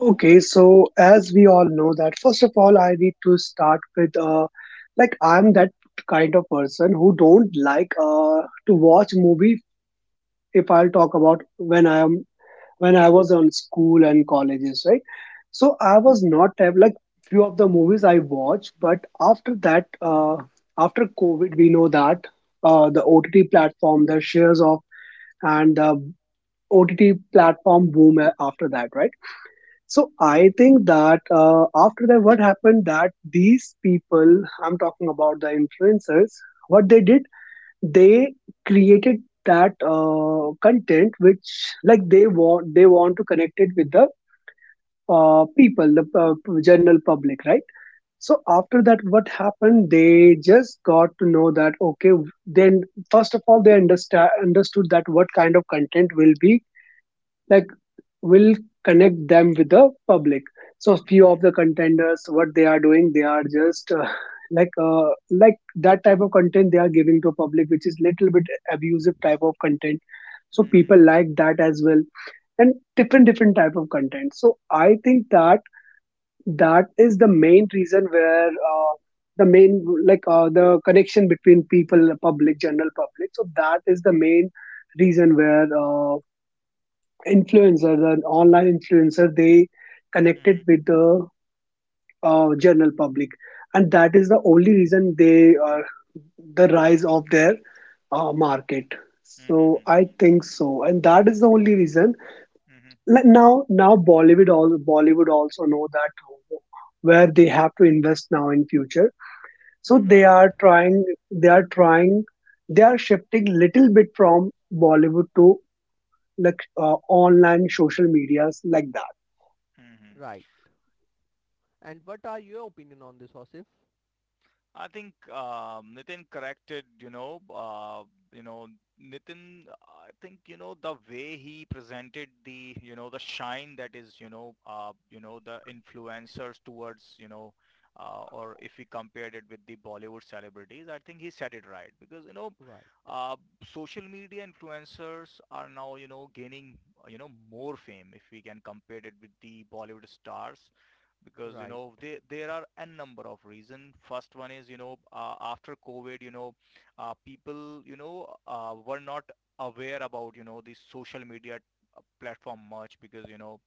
Okay, so as we all know that first of all I need to start with like I'm that kind of person who don't like to watch movie if I'll talk about when I was on school and colleges, right? So I was not have like few of the movies I watched, but after that after COVID we know that the OTT platform, the shares of and the OTT platform boom after that, right? So I think that after that, what happened that these people, I'm talking about the influencers, what they did, they created that content which like they want to connect it with the people, the general public, right? So after that, what happened? They just got to know that okay, then first of all, they understand understood that what kind of content will be like will connect them with the public so few of Mm-hmm. the contenders what they are doing they are just like that type of content they are giving to public which is little bit abusive type of content so Mm-hmm. people like that as well and different different type of content so I think that that is the main reason where the main like the connection between people public general public so that is the main reason where influencer, the online influencer, they connected Mm-hmm. with the general public, and that is Okay. the only reason they are the rise of their market. Mm-hmm. So Mm-hmm. I think so, and that is the only reason. Like now Bollywood all Bollywood also know that where they have to invest now in future. So they Mm-hmm. Right, are trying, they are trying, they are shifting little bit from Bollywood to like online social medias like that. Mm-hmm. right. And what are your opinion on this, Osif? I think Nitin corrected, you know, Nitin, I think, the way he presented the shine that is, the influencers towards, or if we compared it with the Bollywood celebrities. I think he said it right because, Right, uh, social media influencers are now, gaining, more fame if we can compare it with the Bollywood stars, because you right, know there are a number of reasons. First one is, you know, after COVID, you know, people, you know, were not aware about, you know, the social media platform much, because you know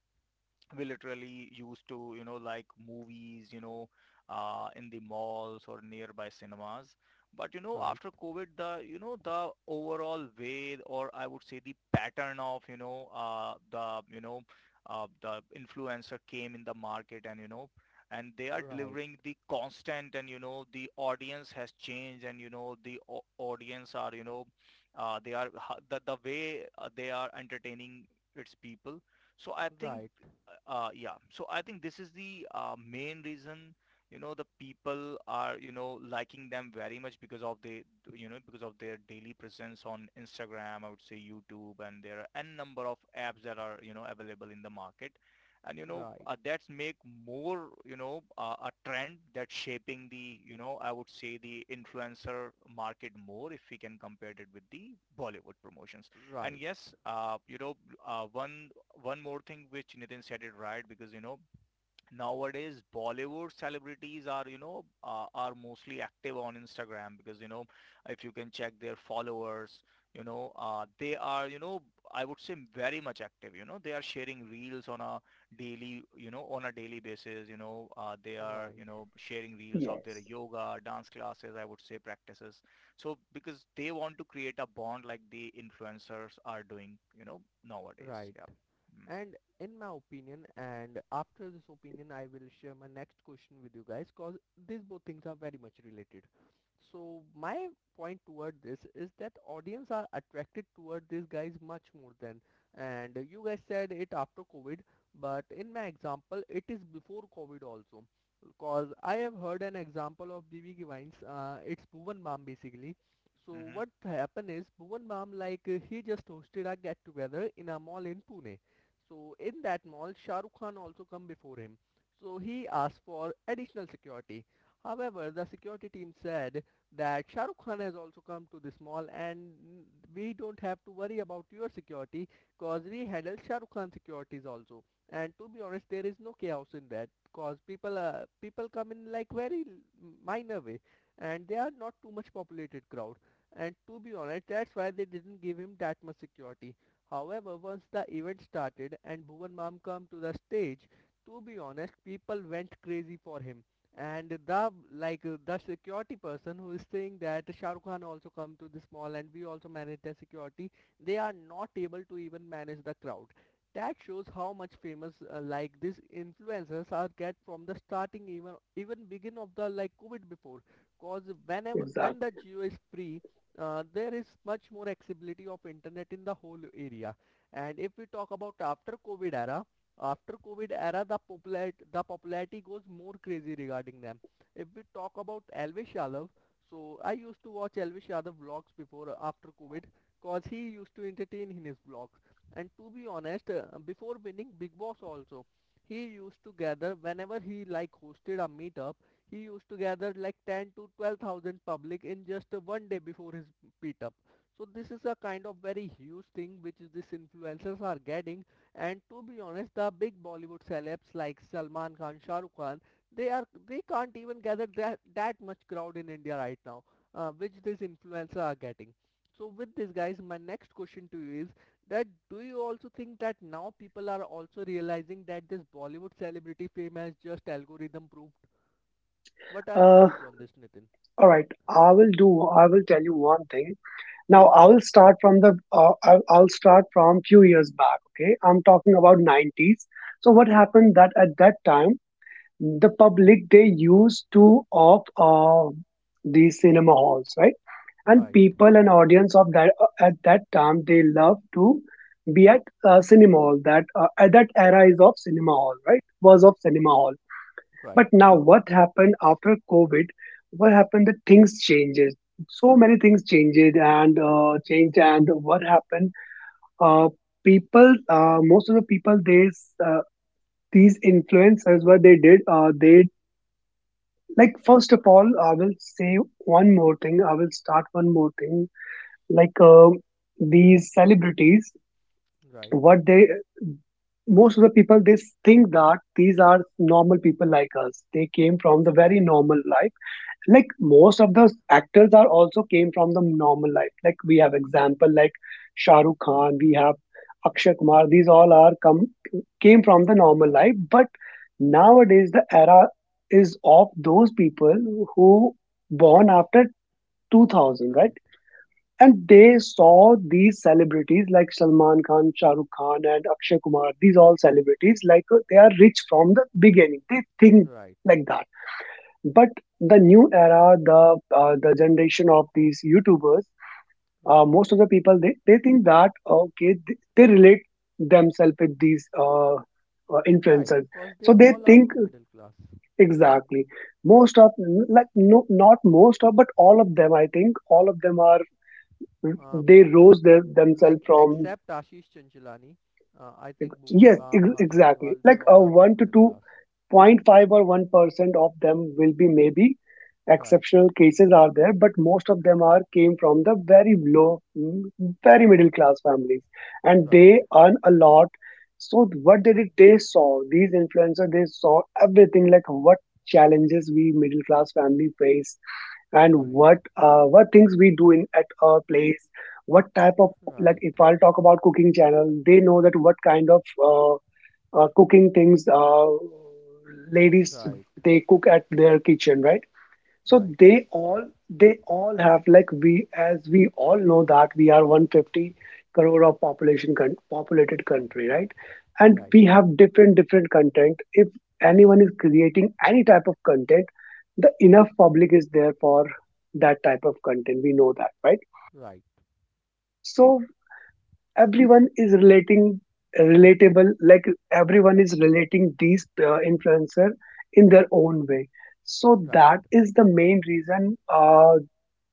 we literally used to, you know, like movies, you know, in the malls or nearby cinemas. But you know right, after COVID, the you know the overall way, or I would say the pattern of, you know, the influencer came in the market. And you know, and they are right, delivering the constant. And you know the audience has changed, and you know audience are, you know, the way, they are entertaining its people. So I think right, yeah. So I think this is the main reason, you know, the people are, you know, liking them very much, because of the, you know, because of their daily presence on Instagram, I would say YouTube, and there are n number of apps that are, you know, available in the market. And, you know, right, that's make more, you know, a trend that's shaping the, you know, I would say the influencer market more, if we can compare it with the Bollywood promotions. And right, yes, uh, one one more thing which Nitin said it right, because you know nowadays Bollywood celebrities are, you know, are mostly active on Instagram, because you know if you can check their followers, you know, they are, you know, I would say, very much active. You know they are sharing reels on a daily, you know, on a daily basis. You know, they are, you right, know, sharing reels of their Yes, yoga, dance classes, I would say practices. So because they want to create a bond like the influencers are doing, you know, right, nowadays, yeah. right. Hmm. And in my opinion, and after this opinion, I will share my next question with you guys because these both things are very much related. So my point toward this is that audience are attracted toward these guys much more than, and you guys said it after COVID, but in my example, it is before COVID also. Because I have heard an example of BB Givines, it's Bhuvan Bam basically. So Hmm. what happened is Bhuvan Bam he just hosted a get together in a mall in Pune. So in that mall, Shah Rukh Khan also come before him. So he asked for additional security. However, the security team said that Shah Rukh Khan has also come to this mall and we don't have to worry about your security, cause we handle Shah Rukh Khan securities also. And to be honest, there is no chaos in that cause people come in like very minor way, and they are not too much populated crowd. And to be honest, that's why they didn't give him that much security. However, once the event started and Bhuvan Mam come to the stage, to be honest, people went crazy for him. And the security person who is saying that Shah Rukh Khan also come to this mall and we also manage the security, they are not able to even manage the crowd. That shows how much famous like these influencers are get from the starting, even begin of the like COVID before. Cause whenever when exactly. the geo is free, there is much more accessibility of internet in the whole area. And if we talk about after COVID era, the popularity goes more crazy regarding them. If we talk about Elvis Yadav, so I used to watch Elvis Yadav vlogs before, after COVID, cause he used to entertain in his vlogs. And to be honest, before winning Big Boss also, he used to gather whenever he like hosted a meetup. He used to gather like 10 to 12,000 public in just one day before his meetup. So this is a kind of very huge thing which is these influencers are getting. And to be honest, the big Bollywood celebs like Salman Khan, Shah Rukh Khan, they can't even gather that much crowd in India right now, which these influencers are getting. So with this, guys, my next question to you is that do you also think that now people are also realizing that this Bollywood celebrity fame has just algorithm proof? What are your Uh, views on this, Nitin? all right. I will do. I will tell you one thing. Now I Okay. will start from the. I'll start from few years back. Okay, I'm talking about 90s. So what happened that at that time the public they used to of these cinema halls, right? And Right. people and audience of that at that time they love to be at cinema hall. That at that era is of cinema hall, right? Was of cinema hall. Right. But now what happened after COVID? What happened? The things changes. So many things changed. And what happened? Uh, most of the people, they uh, what they did, they like first of all, I will say one more thing. I will start one more thing. Like these celebrities, Right. what they most of the people they think that these are normal people like us they came from the Right. very normal like most Right. of the actors are also came from the normal life like we have example like Shah Rukh Khan we have Akshay Kumar these all are come came from the normal Right. life but nowadays the era is of those people who born after 2000 Right. right and they saw these celebrities like Salman Khan, Shah Rukh Khan, and Akshay Kumar. These all celebrities, like they are rich from the beginning. They think Right. like that but the new era, the generation of these YouTubers, Right. most of the people they think that okay they relate themselves with these Right. influencers, Cause they so they all are think from middle class. exactly most of like no not most of but all of them I think all of them are Uh, they rose themselves from Except Ashish Chanchalani. I think Bhuvan yes Bam, Harsh exactly Paniwal, they like all a are from one to middle two class. point five or one percent of them will be maybe Right. exceptional cases are there, but most of them are came from the very low, very middle class families, and Right. they earn a lot. So what they did, they saw these influencers. They saw everything like what challenges we middle class family face and Right. what things we do in at our place what type of like Right. if I'll talk about cooking channel they know that what kind of uh, cooking things ladies Right. they cook at their kitchen right so Right. they all have like we as we all know that we are 150 crore of population populated country, right? And Right. we have different different content. If anyone is creating any type of content, the enough public is there for that type of content. We know that, right? Right. So everyone is relating relatable like everyone is relating these influencer in their own way so Right. that is the main reason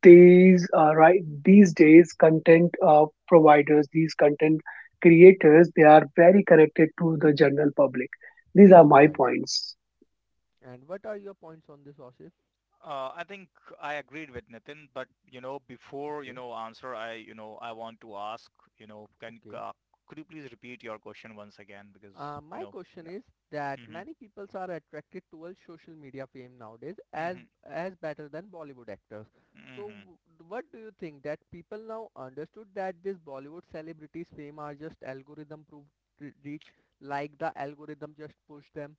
these right these days content providers these content creators they are very connected to the general public. These are my Right. points. And what are your points on this, Osif? I think I agreed with Nitin, but you know, before, you Okay. know, answer, I want to ask, you know, can Okay. Could you please repeat your question once again, because you My know, question yeah. is that Hmm. many people are attracted towards social media fame nowadays as Hmm. Better than Bollywood actors. So Hmm. What do you think that people now understood that these Bollywood celebrities fame are just algorithm proof, reach, like the algorithm just push them?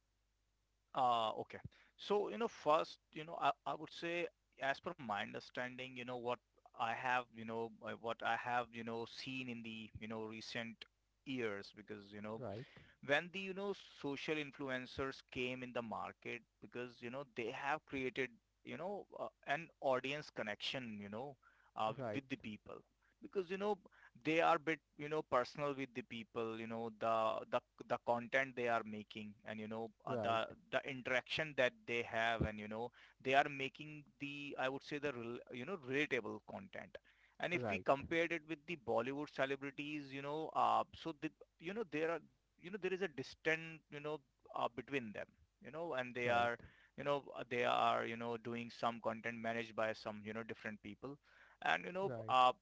Okay. So you know, first, you know, I would say, as per my understanding, you know, I have, you know, what I have, you know, seen in the, you know, recent years, because you know, Right, when the, you know, social influencers came in the market, because you know they have created, you know, an audience connection, you know, right, with the people, because you know they are bit, you know, personal with the people. You know the content they are making, and you know uh, right, the the interaction that they have, and you know they are making the, I would say, you know, relatable content. And if we right, compared it with the Bollywood celebrities, you know, so, the, you know, there are, you know, there is a distant, you know, between them. You know, and they right, are, you know, they are, you know, doing some content managed by some, you know, different people. And you know, right,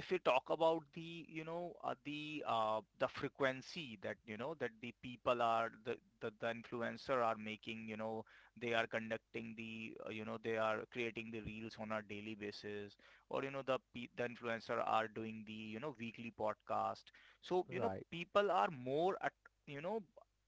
if we talk about the, you know, the frequency that, you know, that the people are, the influencer are making. You know they are conducting the, you know, they are creating the reels on a daily basis, or you know the influencer are doing the, you know, weekly podcast. So you know right, people are more at, you know,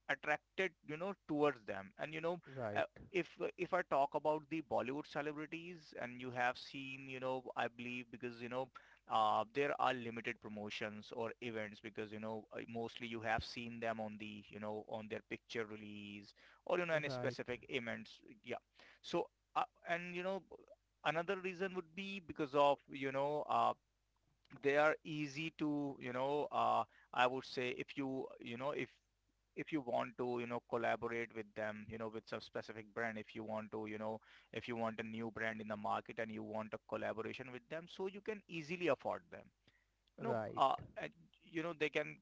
attracted, you know, towards them. And you know, uh, right, if I talk about the Bollywood celebrities, and you have seen, you know, I believe, because you know, there are limited promotions or events, because you know, mostly you have seen them on the, you know, on their picture release or, you know, any right, specific events, yeah. So and you know another reason would be because of, you know, they are easy to, you know, I would say, if if you want to, you know, collaborate with them, you know, with some specific brand. If you want to, you know, if you want a new brand in the market and you want a collaboration with them, so you can easily afford them, you know, right, right, and, you know,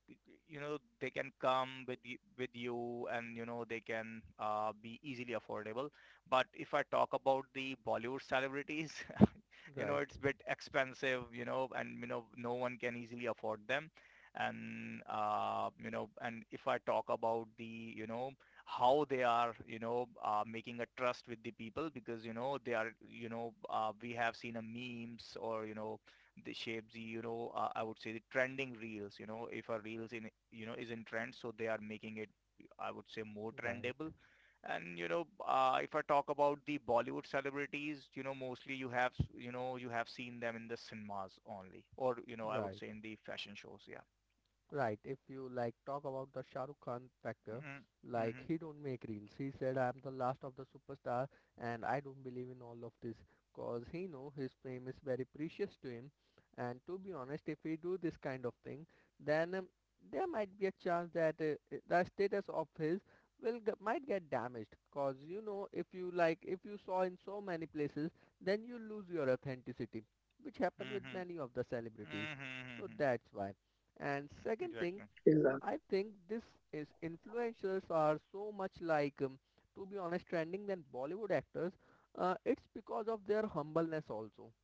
you know, they can come with you, and you know, they can be easily affordable. But if I talk about the Bollywood celebrities, you know, right, it's bit expensive, you know, and you know, no one can easily afford them. And you know, and if I talk about the, you know, how they are, you know, making a trust with the people, because you know they are, you know, we have seen a memes, or you know, they shape the, you know, I would say, the trending reels. You know, if a reels in, you know, is in trend, so they are making it, I would say, more right, trendable. right, And you know, if I talk about the Bollywood celebrities, you know, mostly you have, you know, you have seen them in the cinemas only, or you know, I would right. say, in the fashion shows, yeah. Right. If you like talk about the Shah Rukh Khan factor, Mm-hmm, like mm-hmm, he don't make reels. He said I'm the last of the superstar and I don't believe in all of this cause he know his fame is very precious to him. And to be honest, if we do this kind of thing, then there might be a chance that the status of his will might get damaged, cause you know, if you like if you saw in so many places, then you lose your authenticity, which happened with many of the celebrities. So mm-hmm, that's why. And mm-hmm, second exactly. thing, Exactly, I think this is influencers are so much like, to be honest, trending than Bollywood actors. It's because of their humbleness also.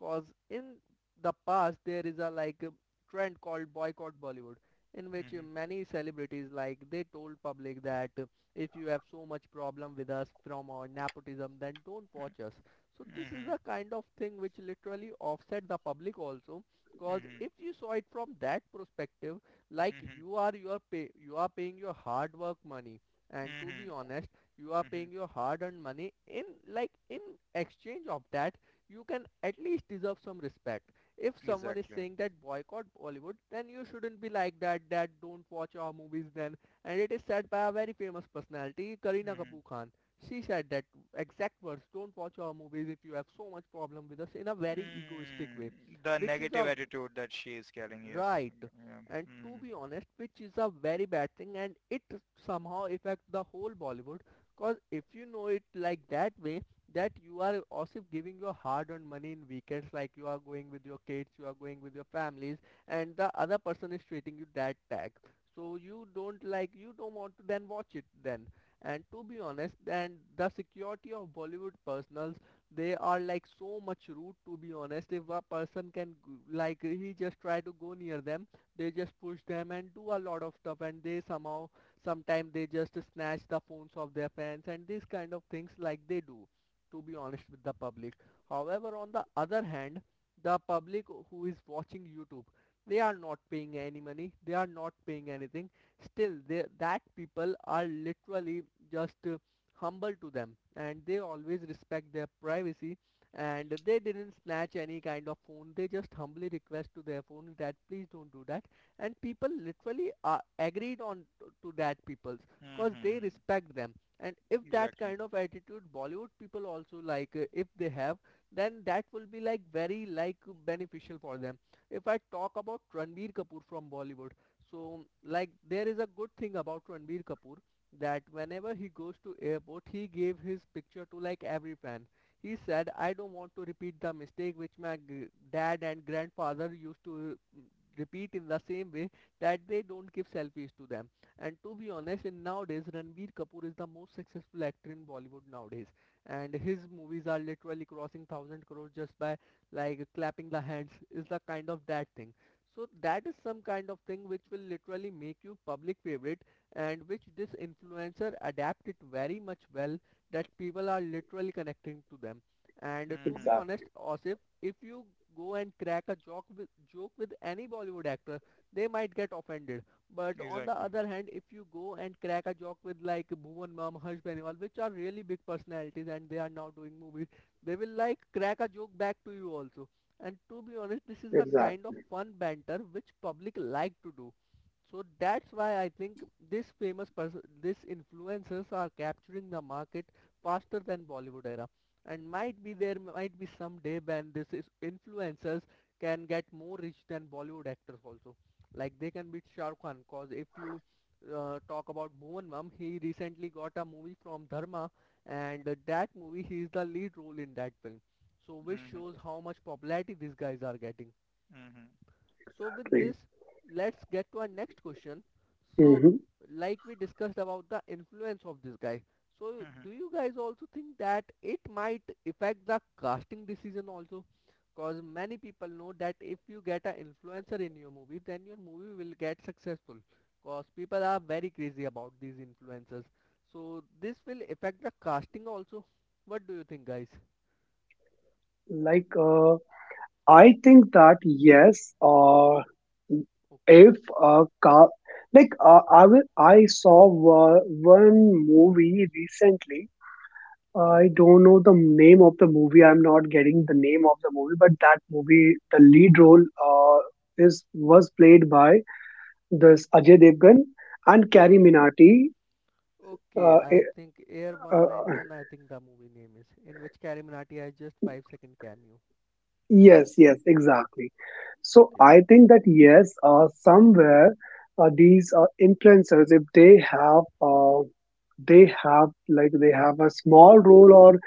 Cause in the past there is a like a trend called boycott Bollywood, in which Mm-hmm, many celebrities like they told public that if you have so much problem with us from our nepotism, then don't watch us. So this is the mm-hmm, kind of thing which literally offset the public also. Cause mm-hmm, if you saw it from that perspective, like you are paying your hard work money, and to mm-hmm, be honest, you are paying mm-hmm, your hard earned money in, like in exchange of that, you can at least deserve some respect. If someone is exactly. saying that boycott Bollywood, then you shouldn't be like that, that don't watch our movies then. And it is said by a very famous personality, Kareena Kapoor Khan. She said that exact words: don't watch our movies if you have so much problem with us, in a very egoistic Mm, way, the which is negative a attitude that she is carrying, yes. Right. Yeah. And to Mm-hmm. be honest, which is a very bad thing and it somehow affects the whole Bollywood. Cause if you know it like that way, that you are also giving your hard-earned money in weekends, like you are going with your kids, you are going with your families, and the other person is treating you that tag. So you don't like, you don't want to then watch it then. And to be honest, then the security of Bollywood personal, they are like so much rude. To be honest, if a person can like he just try to go near them, they just push them and do a lot of stuff, and they somehow sometimes they just snatch the phones of their fans, and these kind of things like they do to be honest with the public. However, on the other hand, the public who is watching YouTube, they are not paying any money, they are not paying anything. Still, that people are literally just humble to them, and they always respect their privacy. And they didn't snatch any kind of phone, they just humbly request to their phone that please don't do that. And people literally agreed on to that people's cause. They Mm-hmm. respect them. And if that Exactly. kind of attitude Bollywood people also like if they have, then that will be like very like beneficial for them. If I talk about Ranbir Kapoor from Bollywood, so like there is a good thing about Ranbir Kapoor that whenever he goes to airport, he gave his picture to like every fan. He said I don't want to repeat the mistake which my dad and grandfather used to repeat in the same way, that they don't give selfies to them. And to be honest, in nowadays Ranbir Kapoor is the most successful actor in Bollywood nowadays, and his movies are literally crossing 1000 crores just by like clapping the hands is the kind of that thing. So that is some kind of thing which will literally make you public favorite, and which this influencer adapted very much well, that people are literally connecting to them. And to be Mm-hmm. honest, exactly, Osif, if you go and crack a joke with any Bollywood actor, they might get offended. But on the Exactly. other hand, if you go and crack a joke with like Bhuvan Mam, Harsh Benewal, which are really big personalities and they are now doing movies, they will like crack a joke back to you also. And to be honest, this is a kind of exactly. fun banter which public like to do. So that's why I think this famous person, this influencers are capturing the market faster than Bollywood era. And might be there might be some day when this is influencers can get more rich than Bollywood actors also. Like they can beat Shah Rukh Khan. Cause if you talk about Bhuvan Mam, he recently got a movie from Dharma, and that movie he is the lead role in that film. So which Mm-hmm. shows how much popularity these guys are getting. Mm-hmm. So with this, let's get to our next question. So Hmm. like we discussed about the influence of this guy. So Mm-hmm. do you guys also think that it might affect the casting decision also? Cause many people know that if you get an influencer in your movie, then your movie will get successful. Cause people are very crazy about these influencers. So this will affect the casting also. What do you think, guys? Like I think that yes uh, Okay, if a car like I saw uh, one movie recently. I right. don't know the name of the movie. I'm not getting the name of the movie, but that movie, the lead role, uh, is was played by this Ajay Devgan and Carrie Okay. Minati. Okay, Uh, I eh, think Air uh, 191, I think the movie name is, in which Carrie Minati has just 5-second cameo. yes, yes, exactly. So Okay, I think that yes, somewhere these influencers, if they have, they have a small role or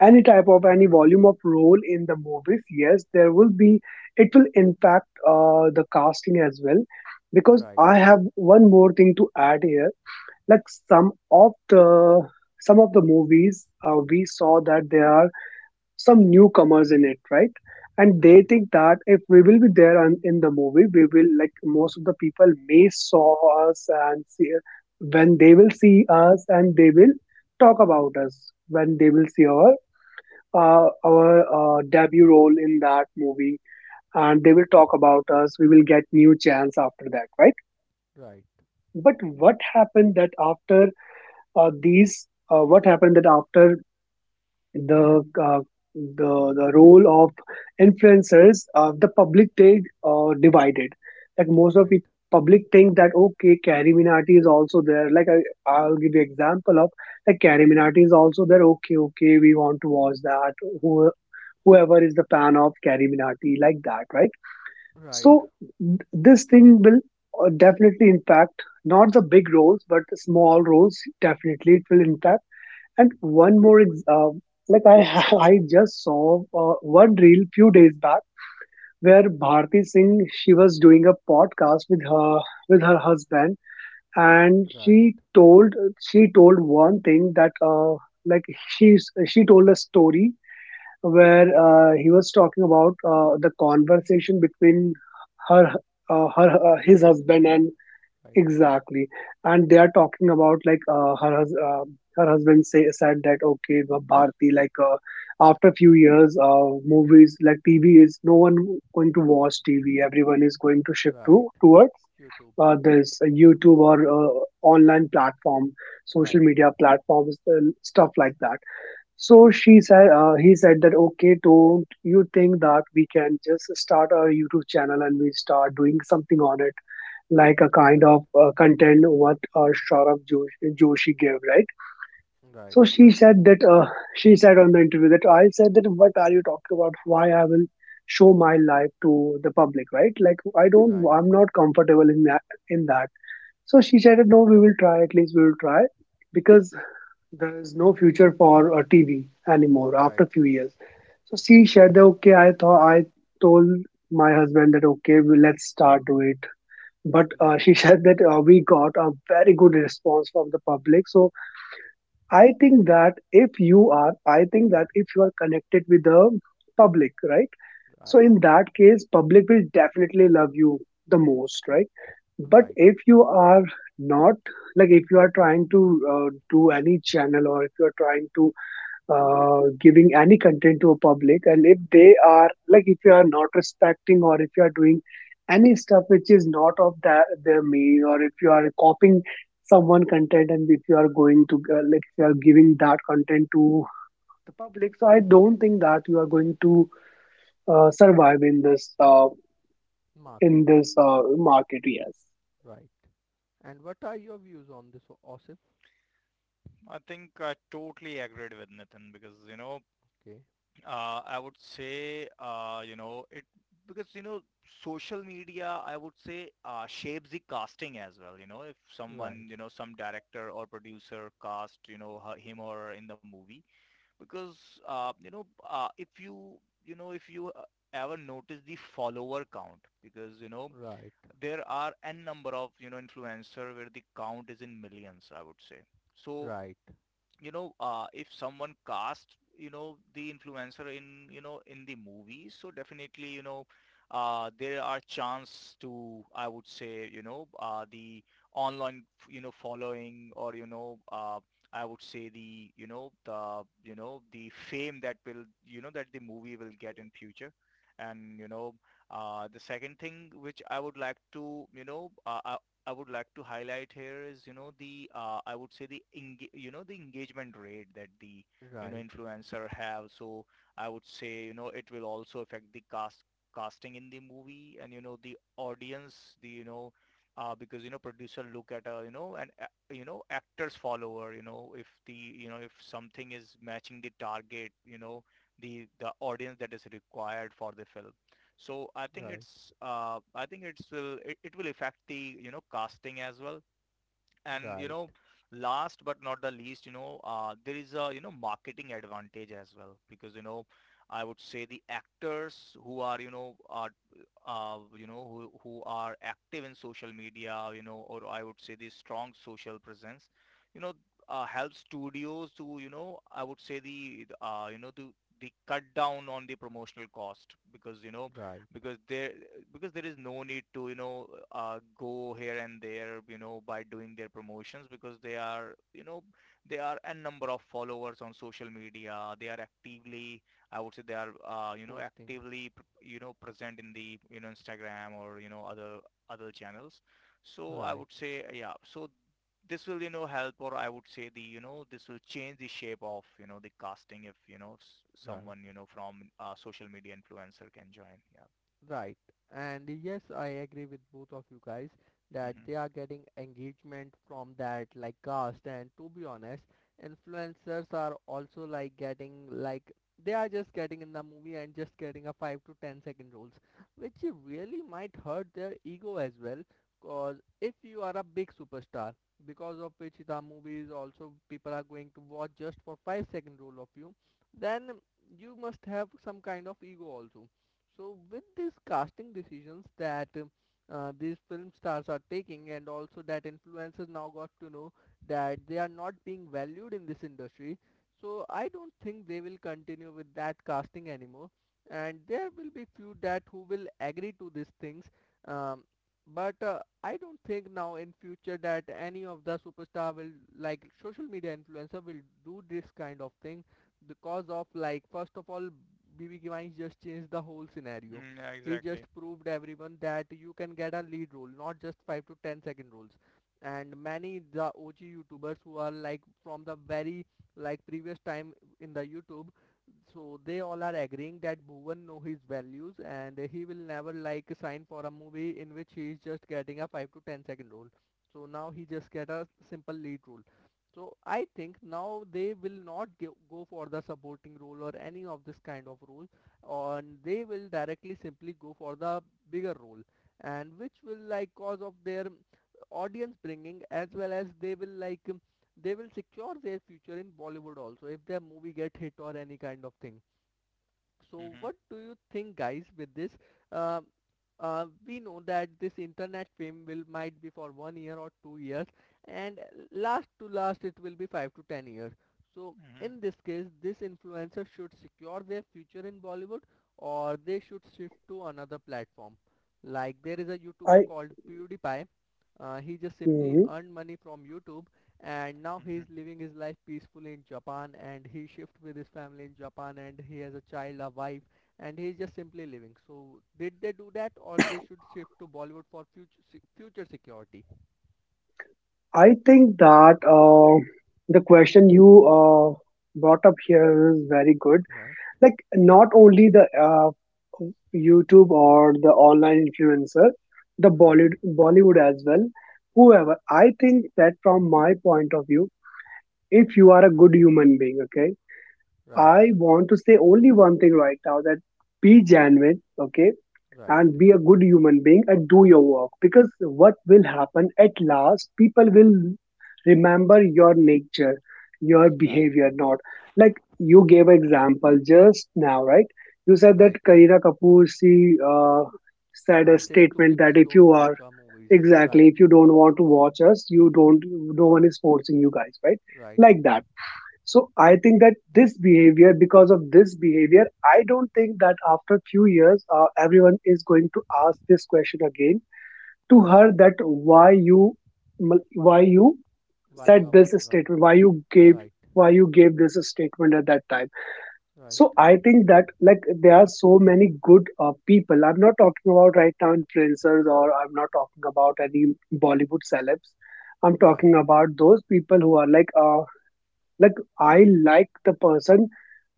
any type of any right, volume of role in the movies yes there will be it will impact the casting as well because right, I have one more thing to add here like some of the some of the movies we saw that there are some newcomers in it right and they right, think that if we will be there in the movie we will like most of the people may saw us and see when they will see us and they will talk about us when they will see our debut role in that movie and they will talk about us we will get new chance after that right right, but what happened that after the uh, the the role of influencers the public they divided like most of the right, public think that okay Carrie Minati is also there like I'll give you example of like Carrie Minati is also there okay okay we want to watch that who whoever is the fan of Carrie Minati, like that, right? right, So this thing will definitely impact not the big roles, but the small roles. Definitely, it will impact. And one more, like I just saw one reel few days back where Bharti Singh she was doing a podcast with her husband, and right. she told one thing that like she she told a story where he was talking about the conversation between her, Her his husband husband, and right, exactly, and they are talking about like her husband say said that okay, Bharti, like after a few years, movies like TV is no one going to watch TV. Everyone is going to shift right. to towards YouTube, this YouTube or online platform, social right, media platforms, and stuff like that so he said that, okay, don't you think that we can just start our YouTube channel and we start doing something on it, like a kind right, of content what Saurabh Joshi gave, right? right, So she said on the interview that I said that, what are you talking about? Why I will show my life to the public, right? Like, right, I'm not comfortable in that, in that. So she said, no, we will try, at least we will try because there is no future for TV anymore after right, a few years. So she said that okay, I thought I told my husband that okay, let's start do it. But right, she said that we got a very good response from the public. So I think that if you are, I think that if you are connected with the public, right? So right, in that case, public will definitely love you the most, right? But right. if you are not like if you are trying to do any channel or if you are trying to giving any content to a public and if they are like if you are not respecting or if you are doing any stuff which is not of that their main or if you are copying someone content and if you are going to like if you are giving that content to the public so I don't think that you are going to survive in this Market, in this uh, market. Yes. right. And what are your views on this, Osif? I think I totally agreed with Nathan, because, you know, Okay, I would say, you know, it because, you know, social media, I would say, shapes the casting as well. You know, if right, someone, you know, some director or producer cast, you know, her, him or her in the movie, because you know, if you, you know, if you ever notice the follower count, because you know right, there are n number of, you know, influencer where the count is in millions, I would say. So right, you know, if someone casts, you know, the influencer in, you know, in the movie, so definitely, you know, there are chance to, I would say, you know, the online, you know, following, or you know, I would say the fame that will, you know, that the movie will get in future. And you know, the second thing which I would like to, you know, I would like to highlight here is, you know, the I would say the you know, the engagement rate that the, you know, right, influencer have. So I would say, you know, it will also affect the casting in the movie, and you know the audience, the, you know, because you know producer look at, you know, and you know, actors follower, you know, if the, you know, if something is matching the target, you know, the audience that is required for the film. So I think right, it's I think it will affect the, you know, casting as well. And you right, know, last but not the least, you know, there is a, you know, marketing advantage as well, because you know I would say the actors who are, you know, are you know, who are active in social media, you know, or I would say the strong social presence, you know, help studios to, you know, I would say, the you know, to the cut down on the promotional cost, because you know right, because there because there is no need to, you know, go here and there, you know, by doing their promotions, because they are, you know, they are a number of followers on social media. They are actively, I would say, they are, you know, posting, actively you know, present in the, you know, Instagram, or you know, other channels. So I right, would say, yeah. So this will, you know, help, or I would say the, you know, this will change the shape of, you know, the casting if, you know, right. someone, you know, from social media influencer can join, yeah. Right. And yes, I agree with both of you guys that Mm-hmm. they are getting engagement from that like cast and to be honest, influencers are also like getting like they are just getting in the movie and just getting a 5 to 10 second roles which really might hurt their ego as well. Cause if you are a big superstar because of which the movie is also people are going to watch just for 5-second role of you, then you must have some kind of ego also. So with these casting decisions that these film stars are taking, and also that influencers now got to know that they are not being valued in this industry. So I don't think they will continue with that casting anymore. And there will be few that who will agree to these things. Um, but I don't think now in future that any of the superstar will like social media influencer will do this kind of thing, because of like first of all BB Givines just changed the whole scenario. Mm, yeah, He exactly. just proved everyone that you can get a lead role, not just 5 to 10 second roles. And many the OG YouTubers who are like from the very like previous time in the YouTube, so they all are agreeing that Bhuvan know his values and he will never like sign for a movie in which he is just getting a 5 to 10 second role. So now he just get a simple lead role. So I think now they will not give, go for the supporting role or any of this kind of role, and they will directly simply go for the bigger role, and which will like cause of their audience bringing as well as they will like they will secure their future in Bollywood also if their movie get hit or any kind of thing. So Mm-hmm. what do you think, guys, with this? Uh, we know that this internet fame will might be for 1 year or 2 years, and last to last it will be 5 to 10 years. So Mm-hmm. in this case, this influencer should secure their future in Bollywood, or they should shift to another platform. Like there is a YouTuber I called PewDiePie. He just simply Mhm. earned money from YouTube, and now he is Mm-hmm. living his life peacefully in Japan, and he shift with his family in Japan and he has a child, a wife, and he is just simply living. So did they do that or they should shift to Bollywood for future security? I think that the question you brought up here is very good. Right, Like, not only the YouTube or the online influencer, the right, Bollywood as well, whoever. I think that from my point of view, if you are a right, good human being, okay, right, I want to say only one thing right now, that be genuine, okay, right, and be a good human being and do your work, because what will happen at last, people will remember your nature, your right, behavior, not like you gave an example just now, right? You said that right. Kareena Kapoor, she said a Says to statement that people if don't you watch are, our movies. exactly, Right, if you don't want to watch us, you don't, no one is forcing you guys, right? right, Like that. So I think that this behavior, because of this behavior, I don't think that after few years, everyone is going to ask this question again to right. her, that why you Why you said are this watching our statement, movies? Right, why you gave this statement at that time. right, So I think that, like, there are so many good people. I'm not talking about right now influencers, or I'm not talking about any Bollywood celebs. I'm talking right, about those people who are like I like the person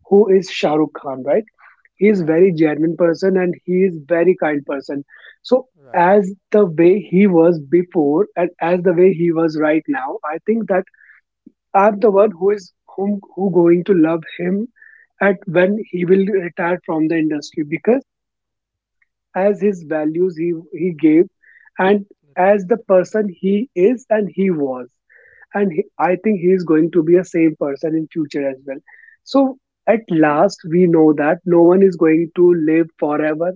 who is Shah Rukh Khan, right? He is right, very genuine person and he is very kind person. So, right, as the way he was before and as the way he was right now, I think that I'm the one who is, whom, who going to love him at when he will retire from the industry, because as his values he gave, and as the person he is and he was, and he, I think he is going to be a same person in future as well. So at last we know that no one is going to live forever.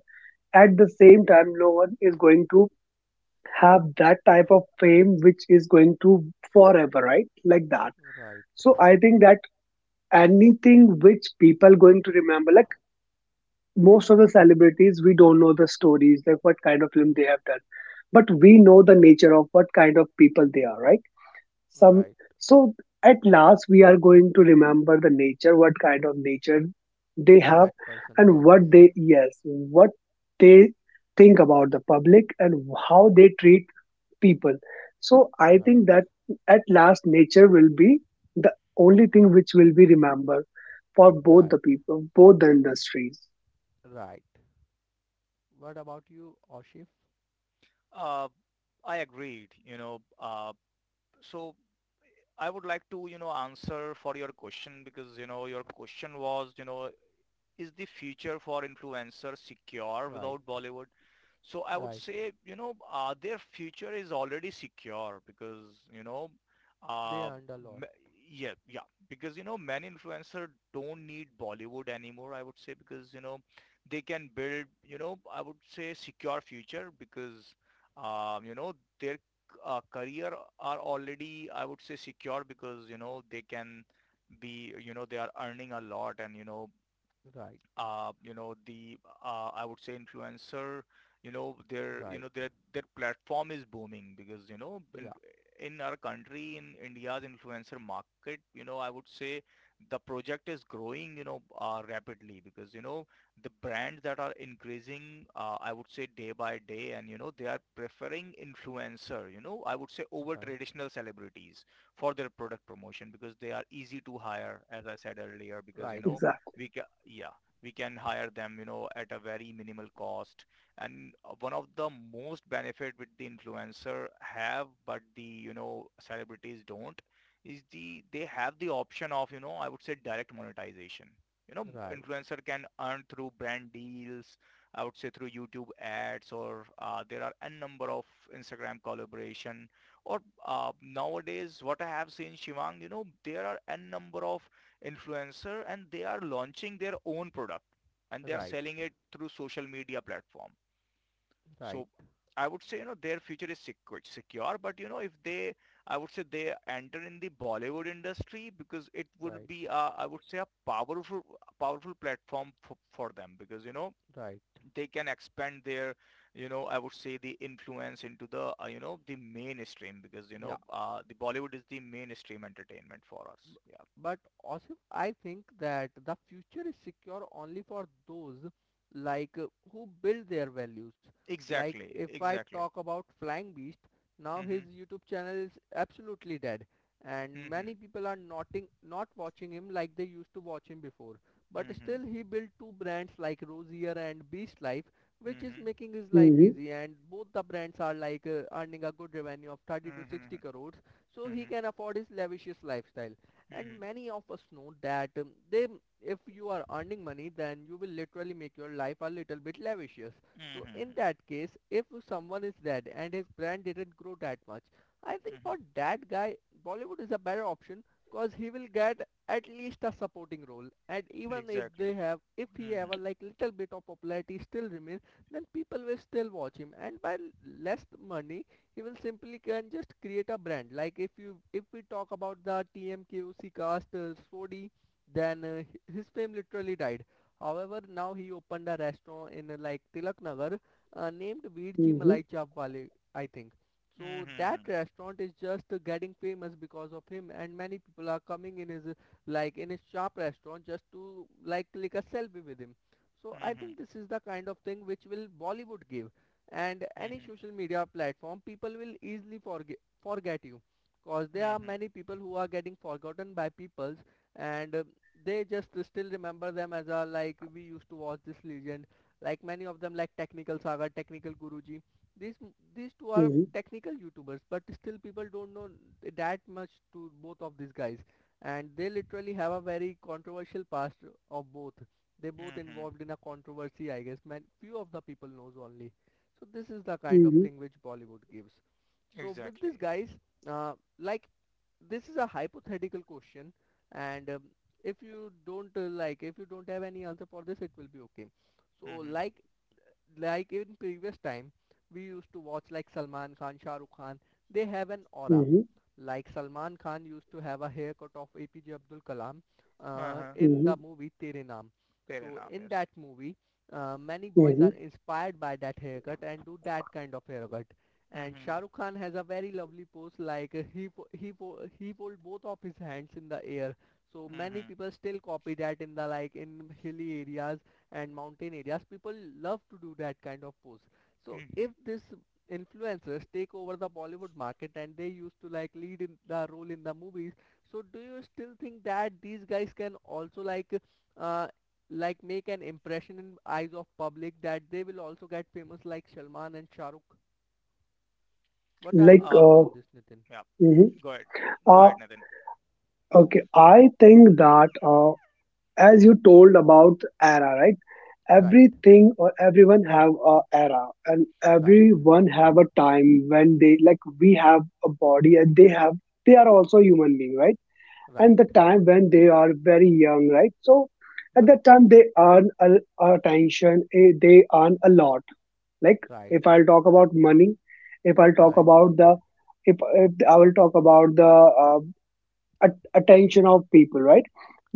At the same time, no one is going to have that type of fame which is going to forever, right? Like that. right, So I think that anything which people going to remember, like most of the celebrities we don't know the stories, like what kind of film they have done, but we know the nature of what kind of people they are, right? right, some right, so at last we are going to remember the nature, what kind of nature they that have, person and carries. what they, yes, what they think about the public and how they treat people. So I Right, think that at last nature will be the only thing which will be remembered for both the right, people, both the industries. right. What about you, Oshif? Uh, I agreed, you know. So I would like to, answer for your question because, your question was, is the future for influencers secure Right, without Bollywood? So I would right. say, their future is already secure because, you know, They uh, earned a m- lot. yeah, yeah, because, many influencers don't need Bollywood anymore, I would say, because, they can build, I would say secure future because, um, you know, their career are already, I would say, secure because, they can be, they are earning a lot and, Right, the I would say influencer, you know, their you right. know their their platform is booming because Yeah, in our country, in India's influencer market, I would say the project is growing, rapidly because the brands that are increasing, I would say day by day, and they are preferring influencer, I would say over right, traditional celebrities for their product promotion because they are easy to hire, as I said earlier, because right, Exactly. Yeah, we can hire them at a very minimal cost. And one of the most benefit which the influencer have but the celebrities don't, is the they have the option of I would say direct monetization. you know right, influencer can earn through brand deals, I would say through YouTube ads, or there are a number of Instagram collaboration, or nowadays what I have seen, Shivang, there are a number of influencer and they are launching their own product and they are right, selling it through social media platform. So right, right, I would say their future is secure, secure, but if they, I would say they enter in the Bollywood industry because it would right, be I would say a powerful platform for them because right. they can expand their, I would say the influence into the you know the mainstream because Yeah, the Bollywood is the mainstream entertainment for us. Yeah, but also, I think that the future is secure only for those like who build their values. Like exactly, if I exactly. talk about Flying Beast, now his Mhm. YouTube channel is absolutely dead, and Mhm, many people are noting not watching him like they used to watch him before. But mhm, still, he built two brands like Rosier and Beast Life, which is mhm, making his life Hmm. easy. And both the brands are like earning a good revenue of 30 to 60 mhm, crores, so he mhm, can afford his lavish lifestyle. And mhm, many of us know that they, if you are earning money then you will literally make your life a little bit lavishious. So mhm, in that case if someone is dead and his brand didn't grow that much, I think mhm. for that guy Bollywood is a better option, cause he will get at least a supporting role, and even if they Exactly. have if he have a Mhm, like little bit of popularity still remains, then people will still watch him, and by less money you will simply can just create a brand. Like if you if we talk about the TMKOC cast, Sodi, then his fame literally died, however now he opened a restaurant in like Tilak Nagar, named Veerji Hmm. Malai Chap Wale, I think. So that mhm, restaurant is just getting famous because of him, and many people are coming in his like in his shop restaurant just to like click a selfie with him. So I mhm, think this is the kind of thing which will Bollywood give, and any mhm, social media platform people will easily forget you. Cause there are mhm, many people who are getting forgotten by peoples, and they just still remember them as a like we used to watch this legend, like many of them like technical saga, technical guruji. these these two are Hmm. technical youtubers, but still people don't know that much to both of these guys, and they literally have a very controversial past of both. They both mhm. involved in a controversy, I guess, man, few of the people knows only. So this is the kind of Hmm. thing which Bollywood gives. So with this Exactly. guys, uh, like this is a hypothetical question, and if you don't like if you don't have any answer for this it will be okay. So Mhm. Like in previous time we used to watch like Salman Khan, Shah Rukh Khan, they have an aura, Hmm. like Salman Khan used to have a haircut of APJ Abdul Kalam Uh-huh. in Hmm. the movie Tere Naam. So in Paranamius. that movie, many boys Hmm. are inspired by that haircut and do that kind of haircut. And Mhm, Shah Rukh Khan has a very lovely pose, like he fold both of his hands in the air. So many mhm, people still copy that in the like in hilly areas and mountain areas. People love to do that kind of pose. So mhm. if this influencers take over the Bollywood market and they used to like lead in the role in the movies, so do you still think that these guys can also uh like make an impression in eyes of public that they will also get famous like Salman and Shah Rukh? What are like your Uh, views uh, on this, Nitin? yeah. mhm. Go ahead. Go Uh, ahead, Nathan. Okay, I think that as you told about era, right? Right, Everything or everyone have a era, and right, everyone have a time when they, like, we have a body and they have, they are also human being, right? right, And the time when they are very young, right? So at right, that time they earn a, attention, they earn a lot. Like, right, if I'll talk about money, if I'll talk right, about the, if I will talk about the uh, attention of people, right?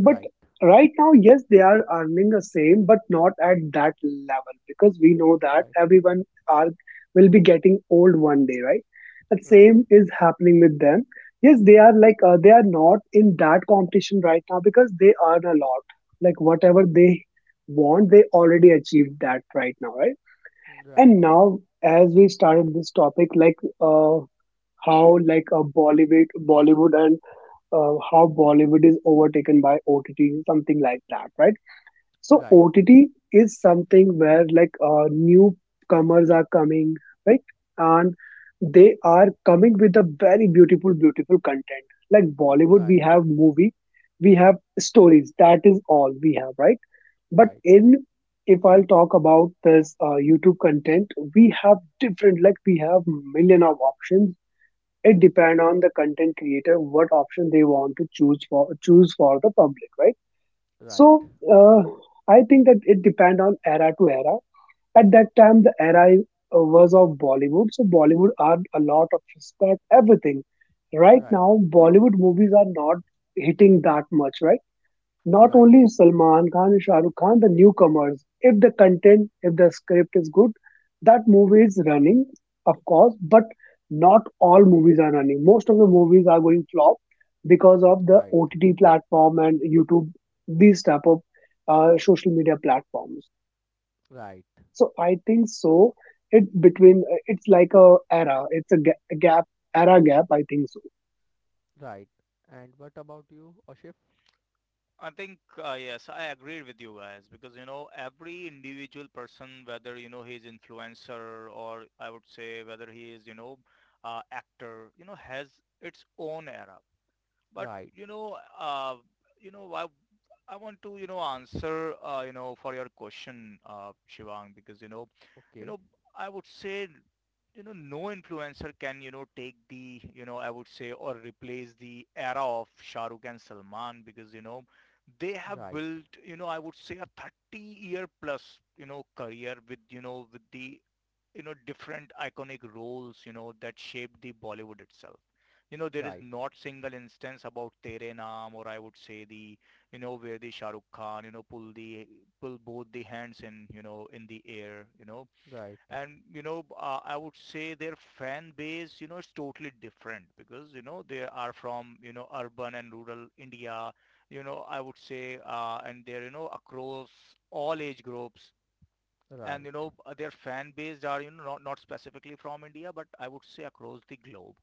right, right, right now, yes, they are earning the same, but not at that level because we know that right, everyone are will be getting old one day, right? The right, right, same is happening with them. Yes, they are they are not in that competition right now because they earn a lot. Like, whatever they want, they already achieved that right now, right? And right, now, as we started this topic, how like a Bollywood, and how Bollywood is overtaken by OTT, something like that, right? So right, OTT is something where newcomers are coming, right? And they are coming with a very beautiful, beautiful content. Like, Bollywood, we right, have movie, we have stories. That is all we have, right? But right, in If I'll talk about this YouTube content, we have different, like we have million of options. It depends on the content creator what option they want to choose for the public, right? right, So I think that it depend on era to era. At that time, the era was of Bollywood, so Bollywood earned a lot of respect, everything. Right right, now, Bollywood movies are not hitting that much, right? Not right, only Salman Khan and Shah Rukh Khan, the newcomers. If the content, if the script is good, that movie is running, of course. But not all movies are running. Most of the movies are going flop because of the right, OTT platform and YouTube, these type of social media platforms. right. So I think so. It's between. It's like a era. It's a gap. Era gap. I think so. Right. And what about you, Ashif? I think, yes, I agree with you guys because, every individual person, whether, he's influencer or I would say whether he is, actor, you know, has its own era. But Right. I want to, you know, answer you know, for your question, Shivang, because you Okay. know, I would say, you know, no influencer can, you know, take the, you know, I would say or replace the era of Shah Rukh and Salman because they have Right. built, you know, I would say a 30-year plus, you know, career with with the, you know, different iconic roles, you know, that shaped the Bollywood itself. You know, there is Right. not single instance about Tere Naam, or I would say the, you know, where the Shah Rukh Khan, you know, pull both the hands in, you know, in the air, you know. Right. And, you know, I would say their fan base, you know, is totally different because, you know, they are from, you know, urban and rural India, you know, I would say, and they're, you know, across all age groups, and Right. Their fan base are, you know, not specifically from India but I would say across the globe,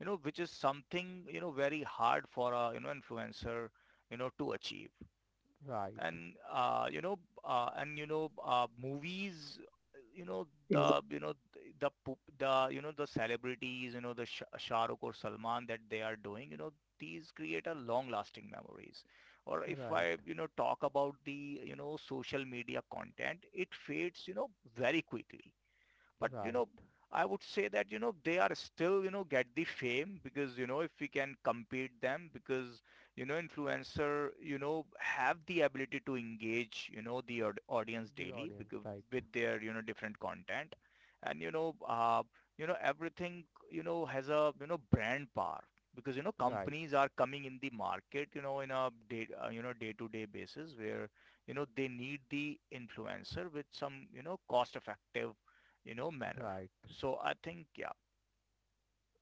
you know, which is something, you know, very hard for a, you know, influencer, you know, to achieve. Right. And movies, you know, the, Exactly. you know, the the, you know, the celebrities, you know, the Shah Rukh or Salman, that they are doing, you know, these create a long lasting memories. Or if Right. I, you know, talk about the, you know, social media content, it fades, you know, very quickly. But, you Right. know, I would say that, you know, they are still, you know, get the fame because, you know, if we can compete them because, you know, influencer, you know, have the ability to engage, you know, the audience The daily audience. because Right. with their, you know, different content. And, you know, everything, you know, has a, you know, brand power because, you know, Right. companies are coming in the market, you know, in a day, you know, day-to-day basis, where, you know, they need the influencer with some, you know, cost-effective, you know, manner. Right. So I think, yeah.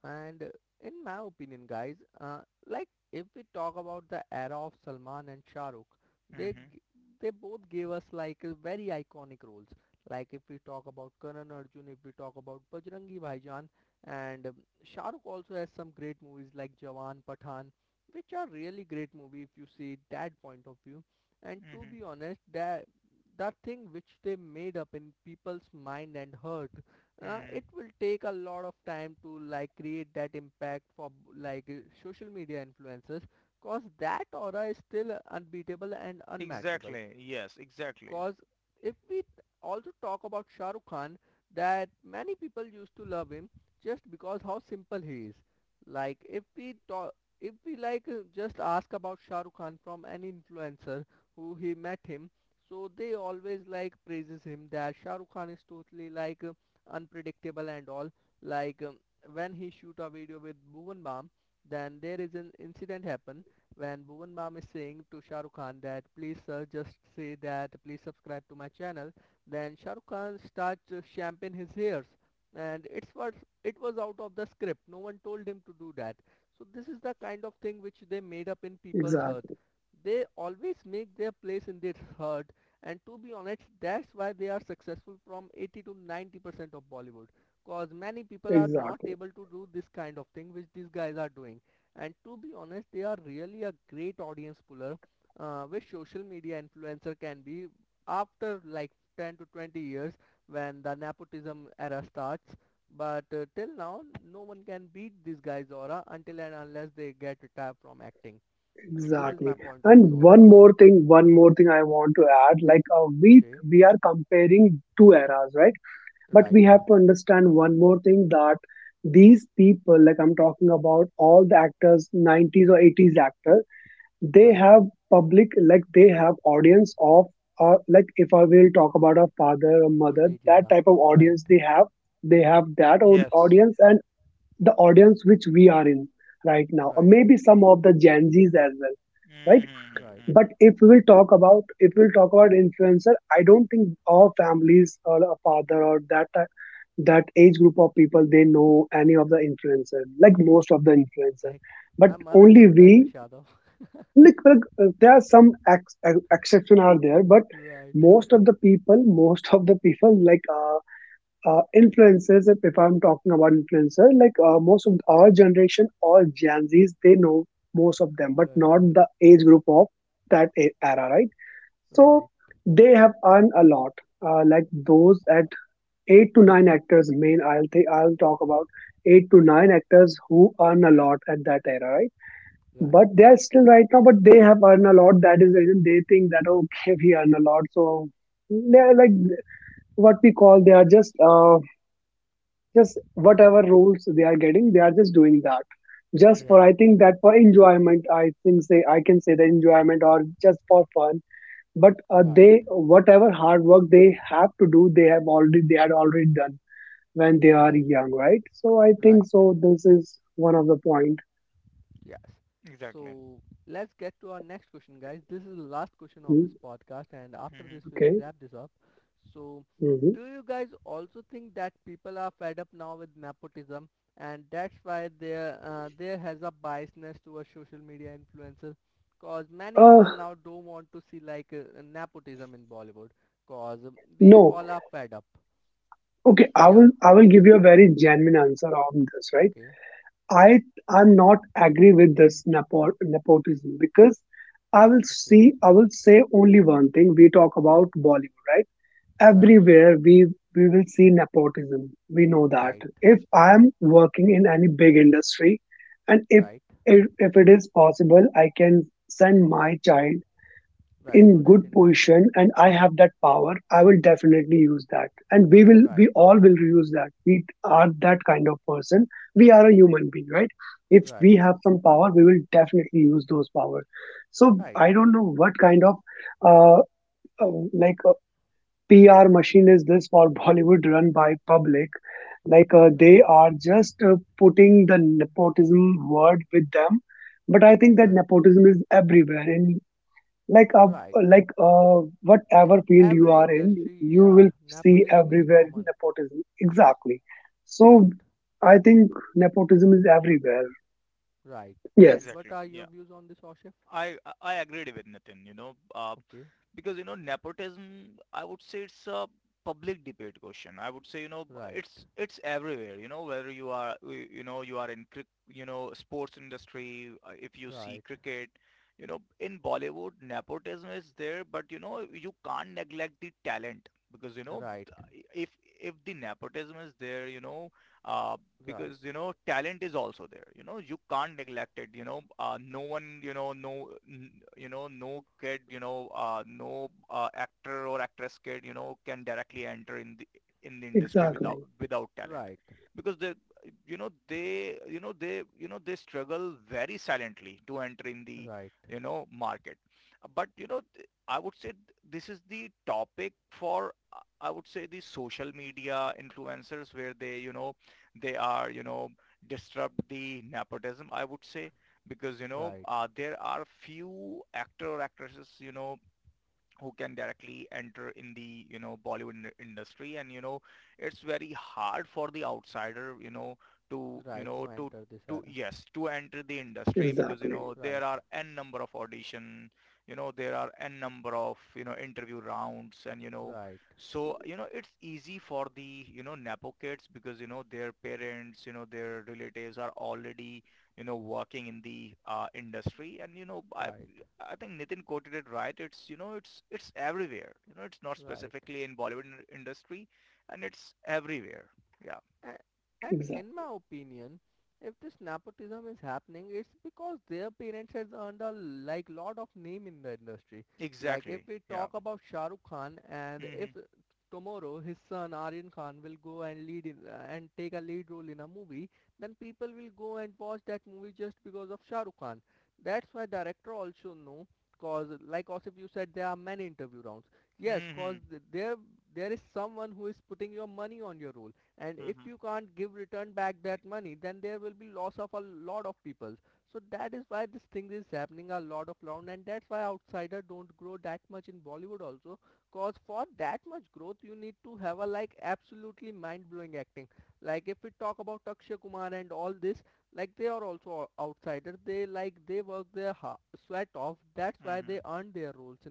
And in my opinion, guys, like if we talk about the era of Salman and Shah Rukh, they Hmm. g- they both gave us like very iconic roles. Like if we talk about Karan Arjun, if we talk about Bajrangi Bhaijaan, and Shah Rukh also has some great movies like Jawan, Pathan, which are really great movie if you see that point of view. And to Hmm. be honest, that that thing which they made up in people's mind and heart, Hmm. it will take a lot of time to like create that impact for like social media influencers, cause that aura is still unbeatable and unmatchable. Exactly. Yes. Exactly. Cause if we also talk about Shah Rukh Khan, that many people used to love him just because how simple he is. Like if we talk, if we like just ask about Shah Rukh Khan from any influencer who he met him, so they always like praises him that Shah Rukh Khan is totally like unpredictable and all. Like when he shoot a video with Bhuvan Bam, then there is an incident happen when Bhuvan Bam is saying to Shah Rukh Khan that please sir just say that please subscribe to my channel, then Shah Rukh Khan starts shamping his hairs, and it was out of the script, no one told him to do that. So this is the kind of thing which they made up in people's heart, Exactly. they always make their place in their heart. And to be honest that's why they are successful from 80 to 90% of Bollywood, cause many people are not Exactly. able to do this kind of thing which these guys are doing, and to be honest they are really a great audience puller, which social media influencer can be after like 10 to 20 years when the nepotism era starts. But till now no one can beat these guys aura until and unless they get retired from acting. So this is Exactly. my Exactly. point of view And on this. One more thing I want to add, we Okay, we are comparing two eras, right? But right, we have to understand one more thing, that these people, like I'm talking about all the actors, 90s or 80s actor, they right, have public, like they have audience of, like if I will talk about a father or old mother, age that era, type of right, audience they have. They have that Yes. audience, and the audience which we are in right now, or right, maybe some of the Gen Zs as well, right? right, But Hmm. if we will talk about if we'll talk about influencer, I don't think all families or a father or that age group of people they know any of the influencer, like most of the influencer. like But my mother only knows we, elvis Yadav. There are some exception are there, but Right. most of the people, most of the people like influencers. If I'm talking about influencer, most of our generation or Gen Zs, they know most of them, but Right, not the age group of that era, right? right, So they have earned a lot. Like, those at eight to nine actors, main I'll think I'll talk about eight to nine actors who earn a lot at that era, right? right, But they are still right now, but they have earned a lot. That is the reason they think that, oh, okay, we earn a lot, so they are like, what we call, they are just whatever roles they are getting, they are just doing that. Just for, Hmm. I right, think that for enjoyment, I think, say, I can say, the enjoyment, or just for fun, but right, they, whatever hard work they have to do, they have already done when they are right, young, right? So I think right. so, this is one of the point. Yes. Exactly. So let's get to our next question, guys. This is the last question of this Mhm. podcast, and after this, Hmm. we will Okay. wrap this up. So, Hmm. do you guys also think that people are fed up now with nepotism, and that's why there has a biasness towards social media influencers? Cause many Uh, people now don't want to see like nepotism in Bollywood. Cause we no. all are fed up. Okay, I Yeah. will I will give you a very genuine answer on this, right? Okay. I I'm not agree with this nepotism because I will Okay. see I will say only one thing. We talk about Bollywood, right? Right. Everywhere we will see nepotism. We know that Right. if I am working in any big industry, and if Right, if, if it is possible I can send my child right to in good that industry. position, and I have that power, I will definitely use that, and we will we Right, all will use that. We are that kind of person. We are a human being, right? If right, we have some power, we will definitely use those power. So right, I don't know what kind of uh, uh, like uh, PR machine is this for Bollywood run by public? Right, They are just putting the nepotism word with them, but I think that right, nepotism is everywhere. In like uh, right like in Whatever field you every are in, industry. you Yeah, will see nepotism is everywhere common. nepotism. Exactly. Right, So I think nepotism is everywhere. right. And Yes. Exactly. what are your Yeah. views on this, Oshif? I agreed with Nitin, Okay. because you know nepotism, I would say it's a public debate question. I would say, you know, Right, it's everywhere. You know whether you are you know you are in cric you know sports industry. If you see right, cricket, you know in Bollywood nepotism is there, but you know you can't neglect the talent because right, if the nepotism is there, you know. Uh, right, because you know talent is also there, you know you can't neglect it, you know, no one, you know, you know no kid, you know, no actor or actress kid, you know, can directly enter in the industry without Exactly. without talent right, because they, you know, they, you know, they, you know, they struggle very silently to enter in the, right, you know, market. But I would say, this is the topic for, I would say the social media influencers, where they, you know, they are, you know, disrupt the nepotism, I would say, because, right, there are few actor or actresses, you know, who can directly enter in the you know Bollywood industry, and you know it's very hard for the outsider, you know, to you right know to to enter this to, era. yes, to enter the industry because you Exactly. know Right, there are n number of audition, you know there are n number of, you know, interview rounds, and you know right, so you know it's easy for the, you know, nepo kids because you know their parents, you know their relatives are already, you know, working in the industry. And right, I think Nitin quoted it right. It's, you know, it's everywhere. You know it's not right. specifically in Bollywood industry, and it's everywhere. Yeah, A- And in Exactly. my opinion, if this nepotism is happening, it's because their parents has earned a like lot of name in the industry. Like if exactly. we Yeah. talk about Shah Rukh Khan, and if Mhm. tomorrow his son Aryan Khan will go and lead in and take a lead role in a movie, then people will go and watch that movie just because of Shah Rukh Khan. That's why director also know, cause like Osip you said, there are many interview rounds. Yes, cause Mhm. there is someone who is putting your money on your role, and if Mhm. you can't give return back that money then there will be loss of a lot of people, so that is why this thing is happening a lot of round, and that's why outsider don't grow that much in Bollywood also, cause for that much growth you need to have a like absolutely mind-blowing acting. Like if we talk about Akshay Kumar and all this, like they are also outsiders, they work their sweat off, that's why they Mhm. earn their roles in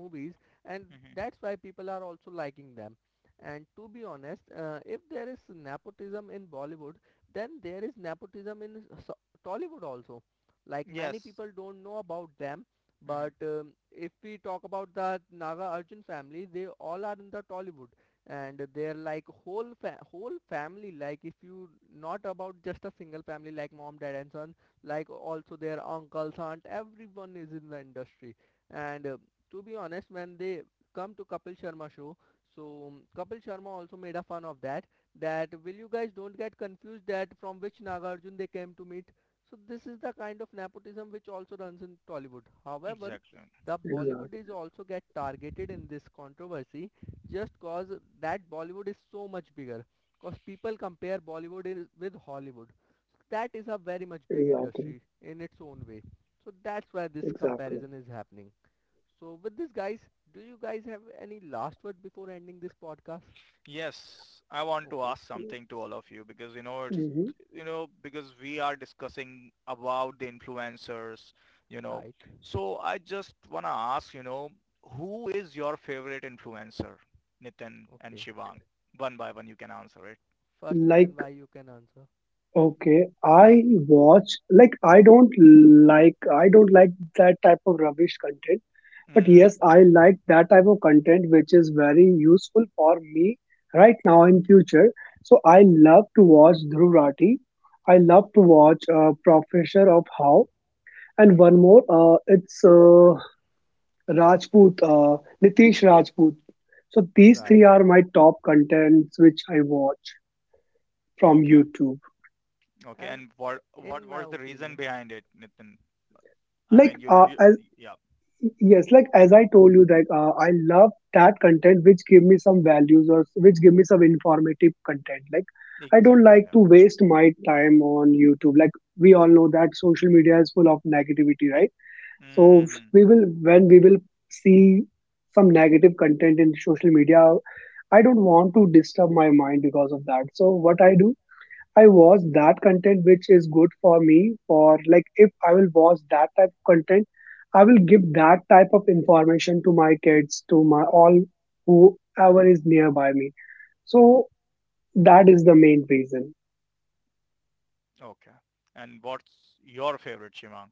movies, and Mhm. that's why people are also liking them. And to be honest, if there is nepotism in Bollywood, then there is nepotism in Tollywood also. Like many Yes. people don't know about them, but Mhm. If we talk about the Naga Arjun family, they all are in the Tollywood, and they're like whole family. Like if you not about just a single family, like mom, dad, and son, like also their uncles, aunt, everyone is in the industry. And to be honest, when they come to Kapil Sharma show, so Kapil Sharma also made a fun of that. That will you guys don't get confused that from which Nagarjun they came to meet. So this is the kind of nepotism which also runs in Tollywood. However, Exactly. the Bollywood Exactly. is also get targeted in this controversy, just cause that Bollywood is so much bigger. Cause people compare Bollywood with Hollywood. So that is a very much big Exactly. industry in its own way. So that's why this Exactly. comparison is happening. So with this, guys, do you guys have any last word before ending this podcast? Yes, I want to Okay, ask something to all of you because it's, Mhm. you know, because we are discussing about the influencers, you know. right. So I just want to ask, you know, who is your favorite influencer, Nitin and Okay. Shivang? One by one, you can answer it. First Nathan Like, why you can answer. okay, I watch, like, I don't like that type of rubbish content. But Mm-hmm. yes, I Right. like that type of content which is very useful for me right now in future. So I love to watch Dhruv Rathi. I love to watch Professor of How, and one more. It's Rajput, Nitish Rajput. So these Right. three are my top contents which I watch from Okay. YouTube. Okay. And And what what in my was the reason opinion, behind it, Nitin? I Like mean, you'll you, as yeah, Yes, like, as I told you that I love that content which give me some values or which give me some informative content. Like, I don't exactly, like yeah. to waste my time on YouTube. Like, we all know that social media is full of negativity, right? So Mm-hmm. Hmm. we will when we will see some negative content in social media, I don't want to disturb my mind because of that, so what I do, I watch that content which is good for me. For, like, if I will watch that type of content, I will give that type of information to my kids, to my all whoever is nearby me. So that is the main reason. Okay. And what's your favorite, Shivang?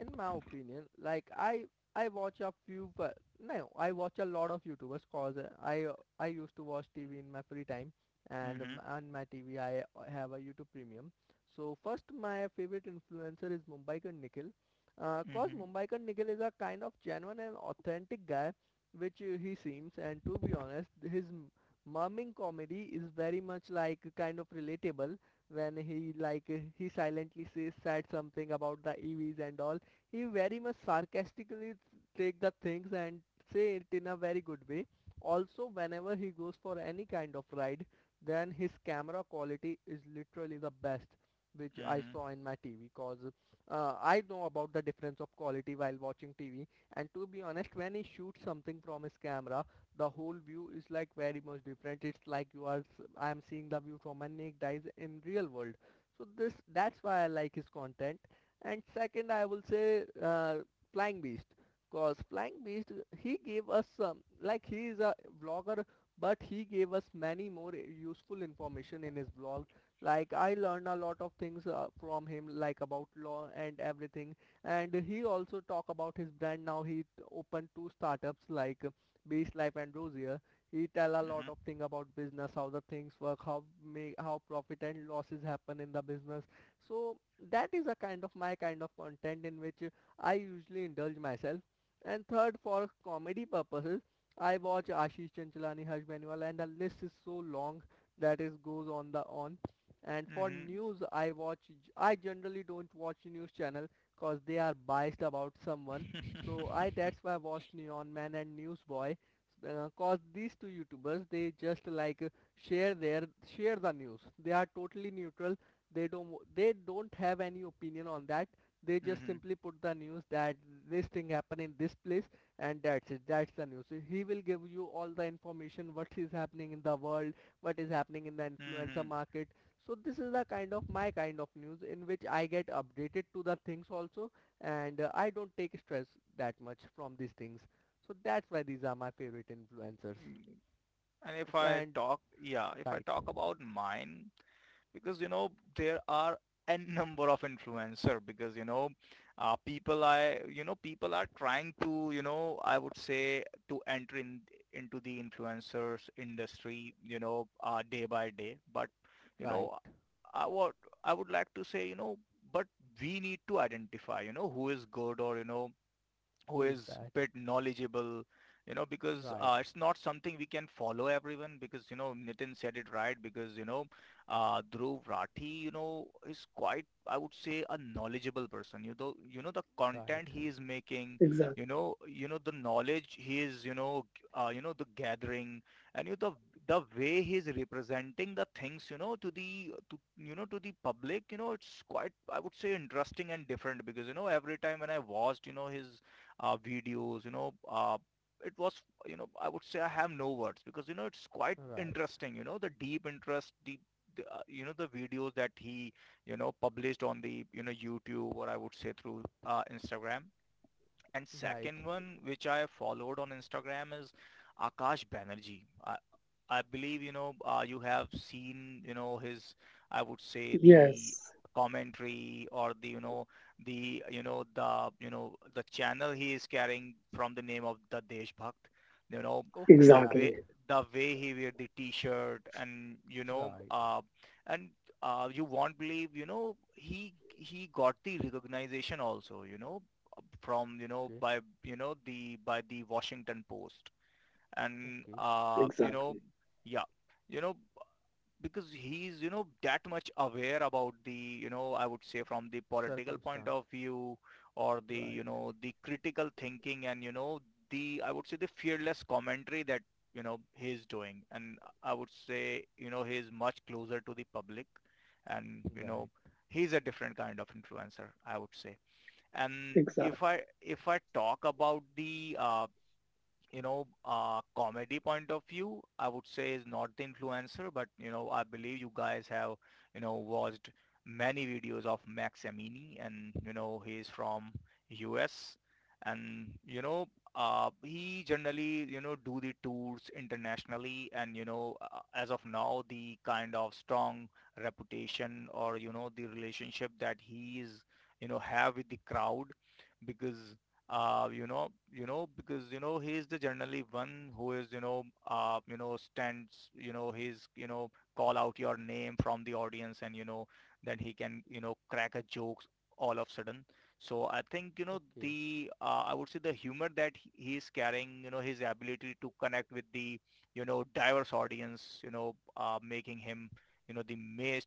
like, I watch a few, but no, I watch a lot of YouTubers cause I used to watch TV in my free time, and Mm-hmm. On my TV I have a YouTube premium. So first my favorite influencer is Mumbaikar Nikhil, cause Mumbaikar Nikhil is a kind of genuine and authentic guy, which he seems, and to be honest, his mumming comedy is very much like kind of relatable. When he silently says said something about the EVs and all, he very much sarcastically take the things and say it in a very good way. Also, whenever he goes for any kind of ride, then his camera quality is literally the best which I Mm-hmm. saw in my TV, because I know about the difference of quality while watching TV. And to be honest, when he shoots something from his camera, the whole view is like very much different, it's like I am seeing the view from my naked eyes in real world, so this that's why I like his content. And second I will say Flying Beast, cause Flying Beast, he gave us some, like, he is a blogger, but he gave us many more useful information in his blog, like I learned a lot of things from him, like about law and everything, and he also talk about his brand. Now he opened two startups like Beast Life and Rosier. He tell a lot Mhm. of thing about business, how the things work, how make how profit and losses happen in the business, so that is a kind of my kind of content in which I usually indulge myself. And third, for comedy purposes, I watch Ashish Chanchalani, Harsh Benwal, and the list is so long that is goes on the on. And for Mhm. news, I watch. I generally don't watch news channel cause they are biased about someone. So I that's why I watched Neon Man and Newsboy. Cause these two YouTubers, they just like share the news. They are totally neutral, they don't have any opinion on that, they just Mhm. simply put the news that this thing happened in this place, and that's it, that's the news. So he will give you all the information what is happening in the world, what is happening in the influencer Mhm. Mm. market, so this is the kind of my kind of news in which I get updated to the things also, and I don't take stress that much from these things, so that's why these are my favorite influencers. And if So, I and talk, yeah, if I right, talk about mine, because you know there are n number of influencer because people, I you know people are trying to, you know, I would say to enter in into the influencers industry, day by day, but you right, know I would I would like to say, you know, but we need to identify, you know, who is good or, you know, who who is is bad? bit knowledgeable, you know, because Right, it's not something we can follow everyone because you know Nitin said it right, because Dhruv Rathi, you know, is quite, I would say, a knowledgeable person. You know, you know the content he right. is making, Exactly. you know, you know the knowledge he is, you know, you know, the gathering, and you the way he is representing the things, you know, to the, to the public, you know, it's quite, I would say, interesting and different because you know every time when I watched, you know, his videos, you know, it was, you know, I would say I have no words because, you know, it's quite Right, interesting, you know, the deep interest, deep, you know, the videos that he, you know, published on the, you know, YouTube, or I would say through Instagram. And right. second one, which I followed on Instagram, is Akash Banerjee. I believe, you know, you have seen, you know, his, I would say the Yes. commentary, or the, you know, the, you know, the, you know, the channel he is carrying from the name of the Deshbhakt, you know, Okay, the right, way, Exactly. the way he wear the t-shirt, and, right. And you won't believe, you know, he got the recognition also, you know, from, you know, Okay, by, you know, by the Washington Post, and okay. You know, Exactly. yeah, you know, because he's, you know, that much aware about the, you know, I would say from the political point Circumstances. of view, or the, Right, you know, the critical thinking, and you know the, I would say the fearless commentary that, you know, he's doing. And I would say you know he's much closer to the public, and you know right. he's a different kind of influencer, I would say. And if Exactly. i if i talk about the you know, comedy point of view, I would say is not the influencer, but you know, I believe you guys have, you know, watched many videos of Max Amini, and you know, he is from US, and you know, he generally, you know, do the tours internationally, and you know, as of now, the kind of strong reputation, or you know, the relationship that he is, you know, have with the crowd because because you know he is the generally one who is, you know, stands, you know, he's, you know, call out your name from the audience, and you know, then he can, you know, crack a joke all of sudden. So I think you know Okay, the I would say the humor that he is carrying, you know, his ability to connect with the, you know, diverse audience, you know, making him, you know, the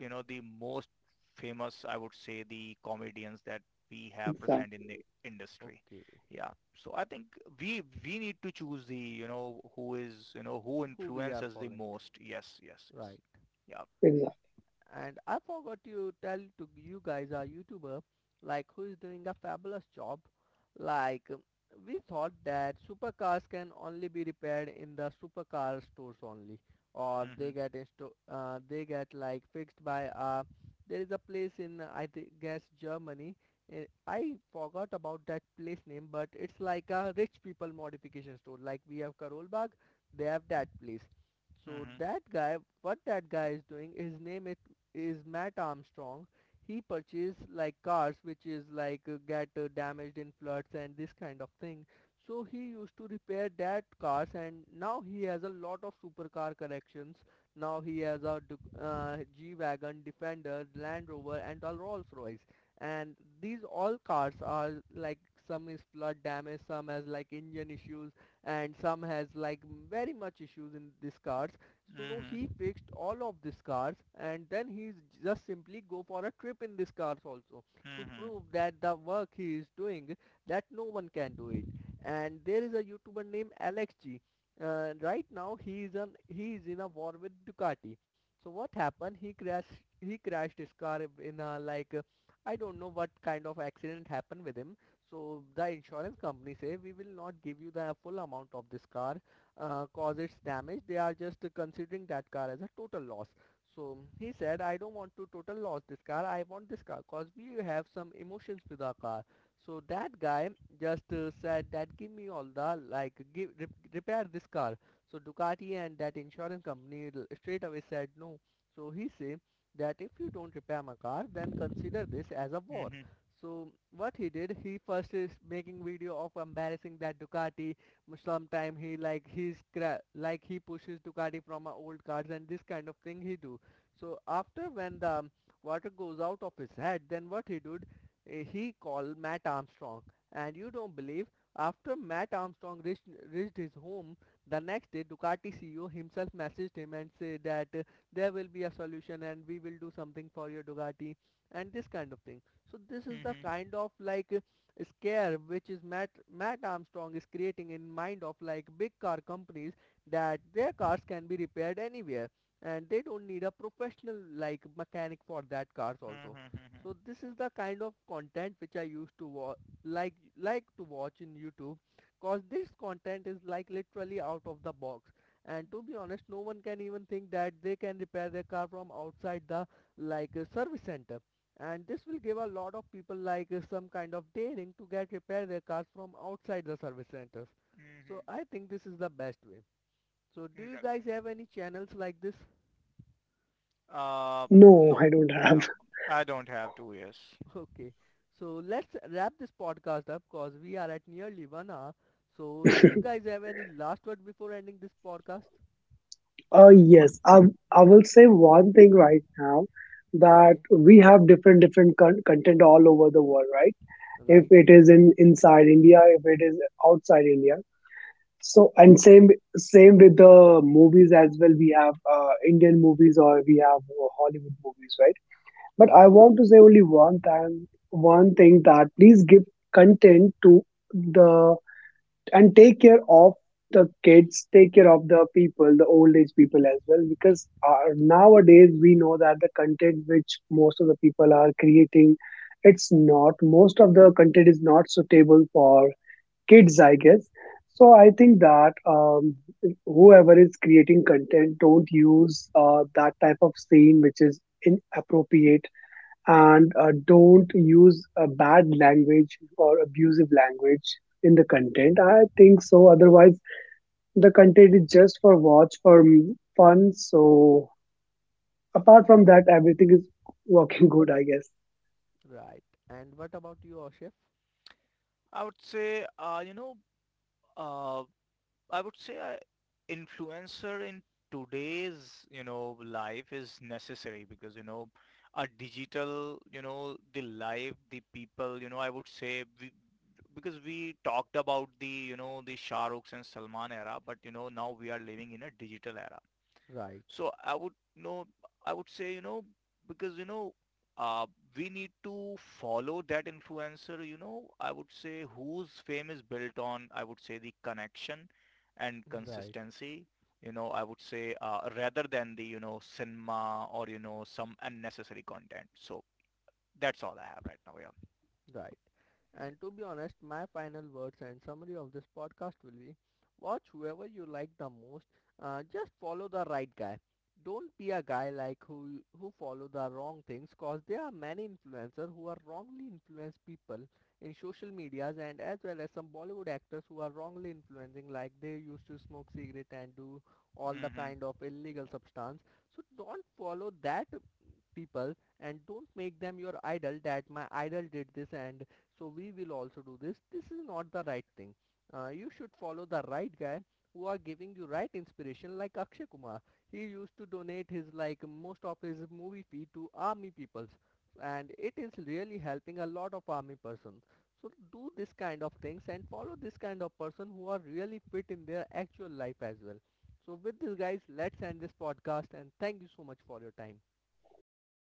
you know, the most famous, I would say, the comedians that we have present Exactly. in the industry, okay. yeah. So I think we need to choose the, you know, who is, you know, who Who we are influences the following. most. Yes, yes, yes. Right. Yeah. Exactly. And I forgot to tell to you guys, our YouTuber, like who is doing a fabulous job. Like we thought that supercars can only be repaired in the supercar stores only, or they Mhm, get like fixed by there is a place in, I guess, Germany. I forgot about that place name, but it's like a rich people modification store. Like we have Karolbag, they have that place. So mhm, that guy, what that guy is doing, his name is Matt Armstrong. He purchased like cars which is like get damaged in floods and this kind of thing. So he used to repair that cars and now he has a lot of supercar collections. Now he has a G-Wagon, Defender, Land Rover and a Rolls Royce. And these all cars are like some is flood damage, some has like engine issues, and some has like very much issues in these cars, so he mhm, fixed all of these cars and then he just simply go for a trip in these cars also, to mhm, prove that the work he is doing, that no one can do it. And there is a YouTuber named Alex G. Right now, he is in a war with Ducati. So what happened? He crashed his car in a like I don't know what kind of accident happened with him. So the insurance company say we will not give you the full amount of this car, cause its damage. They are just considering that car as a total loss. So he said, I don't want to total loss this car. I want this car cause we have some emotions with our car. So that guy just said that give me all the, like, give repair this car. So Ducati and that insurance company straight away said no. So he said that if you don't repair my car, then consider this as a war. mhm, So what he did, he first is making video of embarrassing that Ducati. Sometime he like he's cra- like he pushes Ducati from our old cars and this kind of thing he do. So after when the water goes out of his head, then what he did, he called Matt Armstrong. And you don't believe, after Matt Armstrong reached, his home, the next day Ducati CEO himself messaged him and said that there will be a solution and we will do something for your Ducati and this kind of thing. So this is the mhm, kind of like scare which is Matt Armstrong is creating in mind of like big car companies, that their cars can be repaired anywhere and they don't need a professional like mechanic for that cars also. mhm, So mhm, this is the kind of content which I used to like to watch in YouTube, cause this content is like literally out of the box, and to be honest no one can even think that they can repair their car from outside the, like, a service center, and this will give a lot of people like some kind of daring to get repair their cars from outside the service centers, so I mhm. think this is the best way. So do you guys Exactly. have any channels like this? uh No, no, I don't have. no, I don't have, two, yes. Okay, so let's wrap this podcast up cause we are at nearly 1 hour. So do you guys have any last word before ending this podcast? Yes, I will say one thing right now, that Okay, we have different different content all over the world, right? If right, it is in inside India, if it is outside India. And same with the movies as well. We have Indian movies, or we have Hollywood movies, right? But right, I want to say only one time, one thing, that please give content to the, and take care of the kids, take care of the people, the old age people as well, because nowadays we know that the content which most of the people are creating, it's not most of the content is not suitable for kids, I guess. So I think that, whoever is creating content, don't use that type of scene which is inappropriate, and don't use a bad language or abusive language in the content, I think so. Otherwise the content is just for watch for fun. So apart from that everything is working good, I guess. right. And what about you, chef? I would say you know, uh I would say I, influencer in today's, you know, life is necessary because you know a digital, you know, the life the people, you know, I would say we, because we talked about the, you know, the Shah Rukhs and Salman era, but you know now we are living in a digital era. Right, So I would know, I would say, you know, because, uh, we need to follow that influencer, you know, I would say whose fame is built on, I would say the connection and right. consistency, you know, I would say rather than the, you know, cinema, or, you know, some unnecessary content. So that's all I have right now. Yeah. Right. And to be honest, my final words and summary of this podcast will be, watch whoever you like the most, just follow the right guy. Don't be a guy like who follow the wrong things, cause there are many influencers who are wrongly influence people in social medias, and as well as some Bollywood actors who are wrongly influencing, like they used to smoke cigarette and do all Hmm. the Mm-hmm. kind of illegal substance. So don't follow that people and don't make them your idol, that my idol did this and so we will also do this, this is not the right thing. You should follow the right guy who are giving you right inspiration, like Akshay Kumar, he used to donate his like most of his movie fee to army peoples and it is really helping a lot of army persons. So do this kind of things and follow this kind of person who are really fit in their actual life as well. So with this, guys, let's end this podcast and thank you so much for your time. Thank you.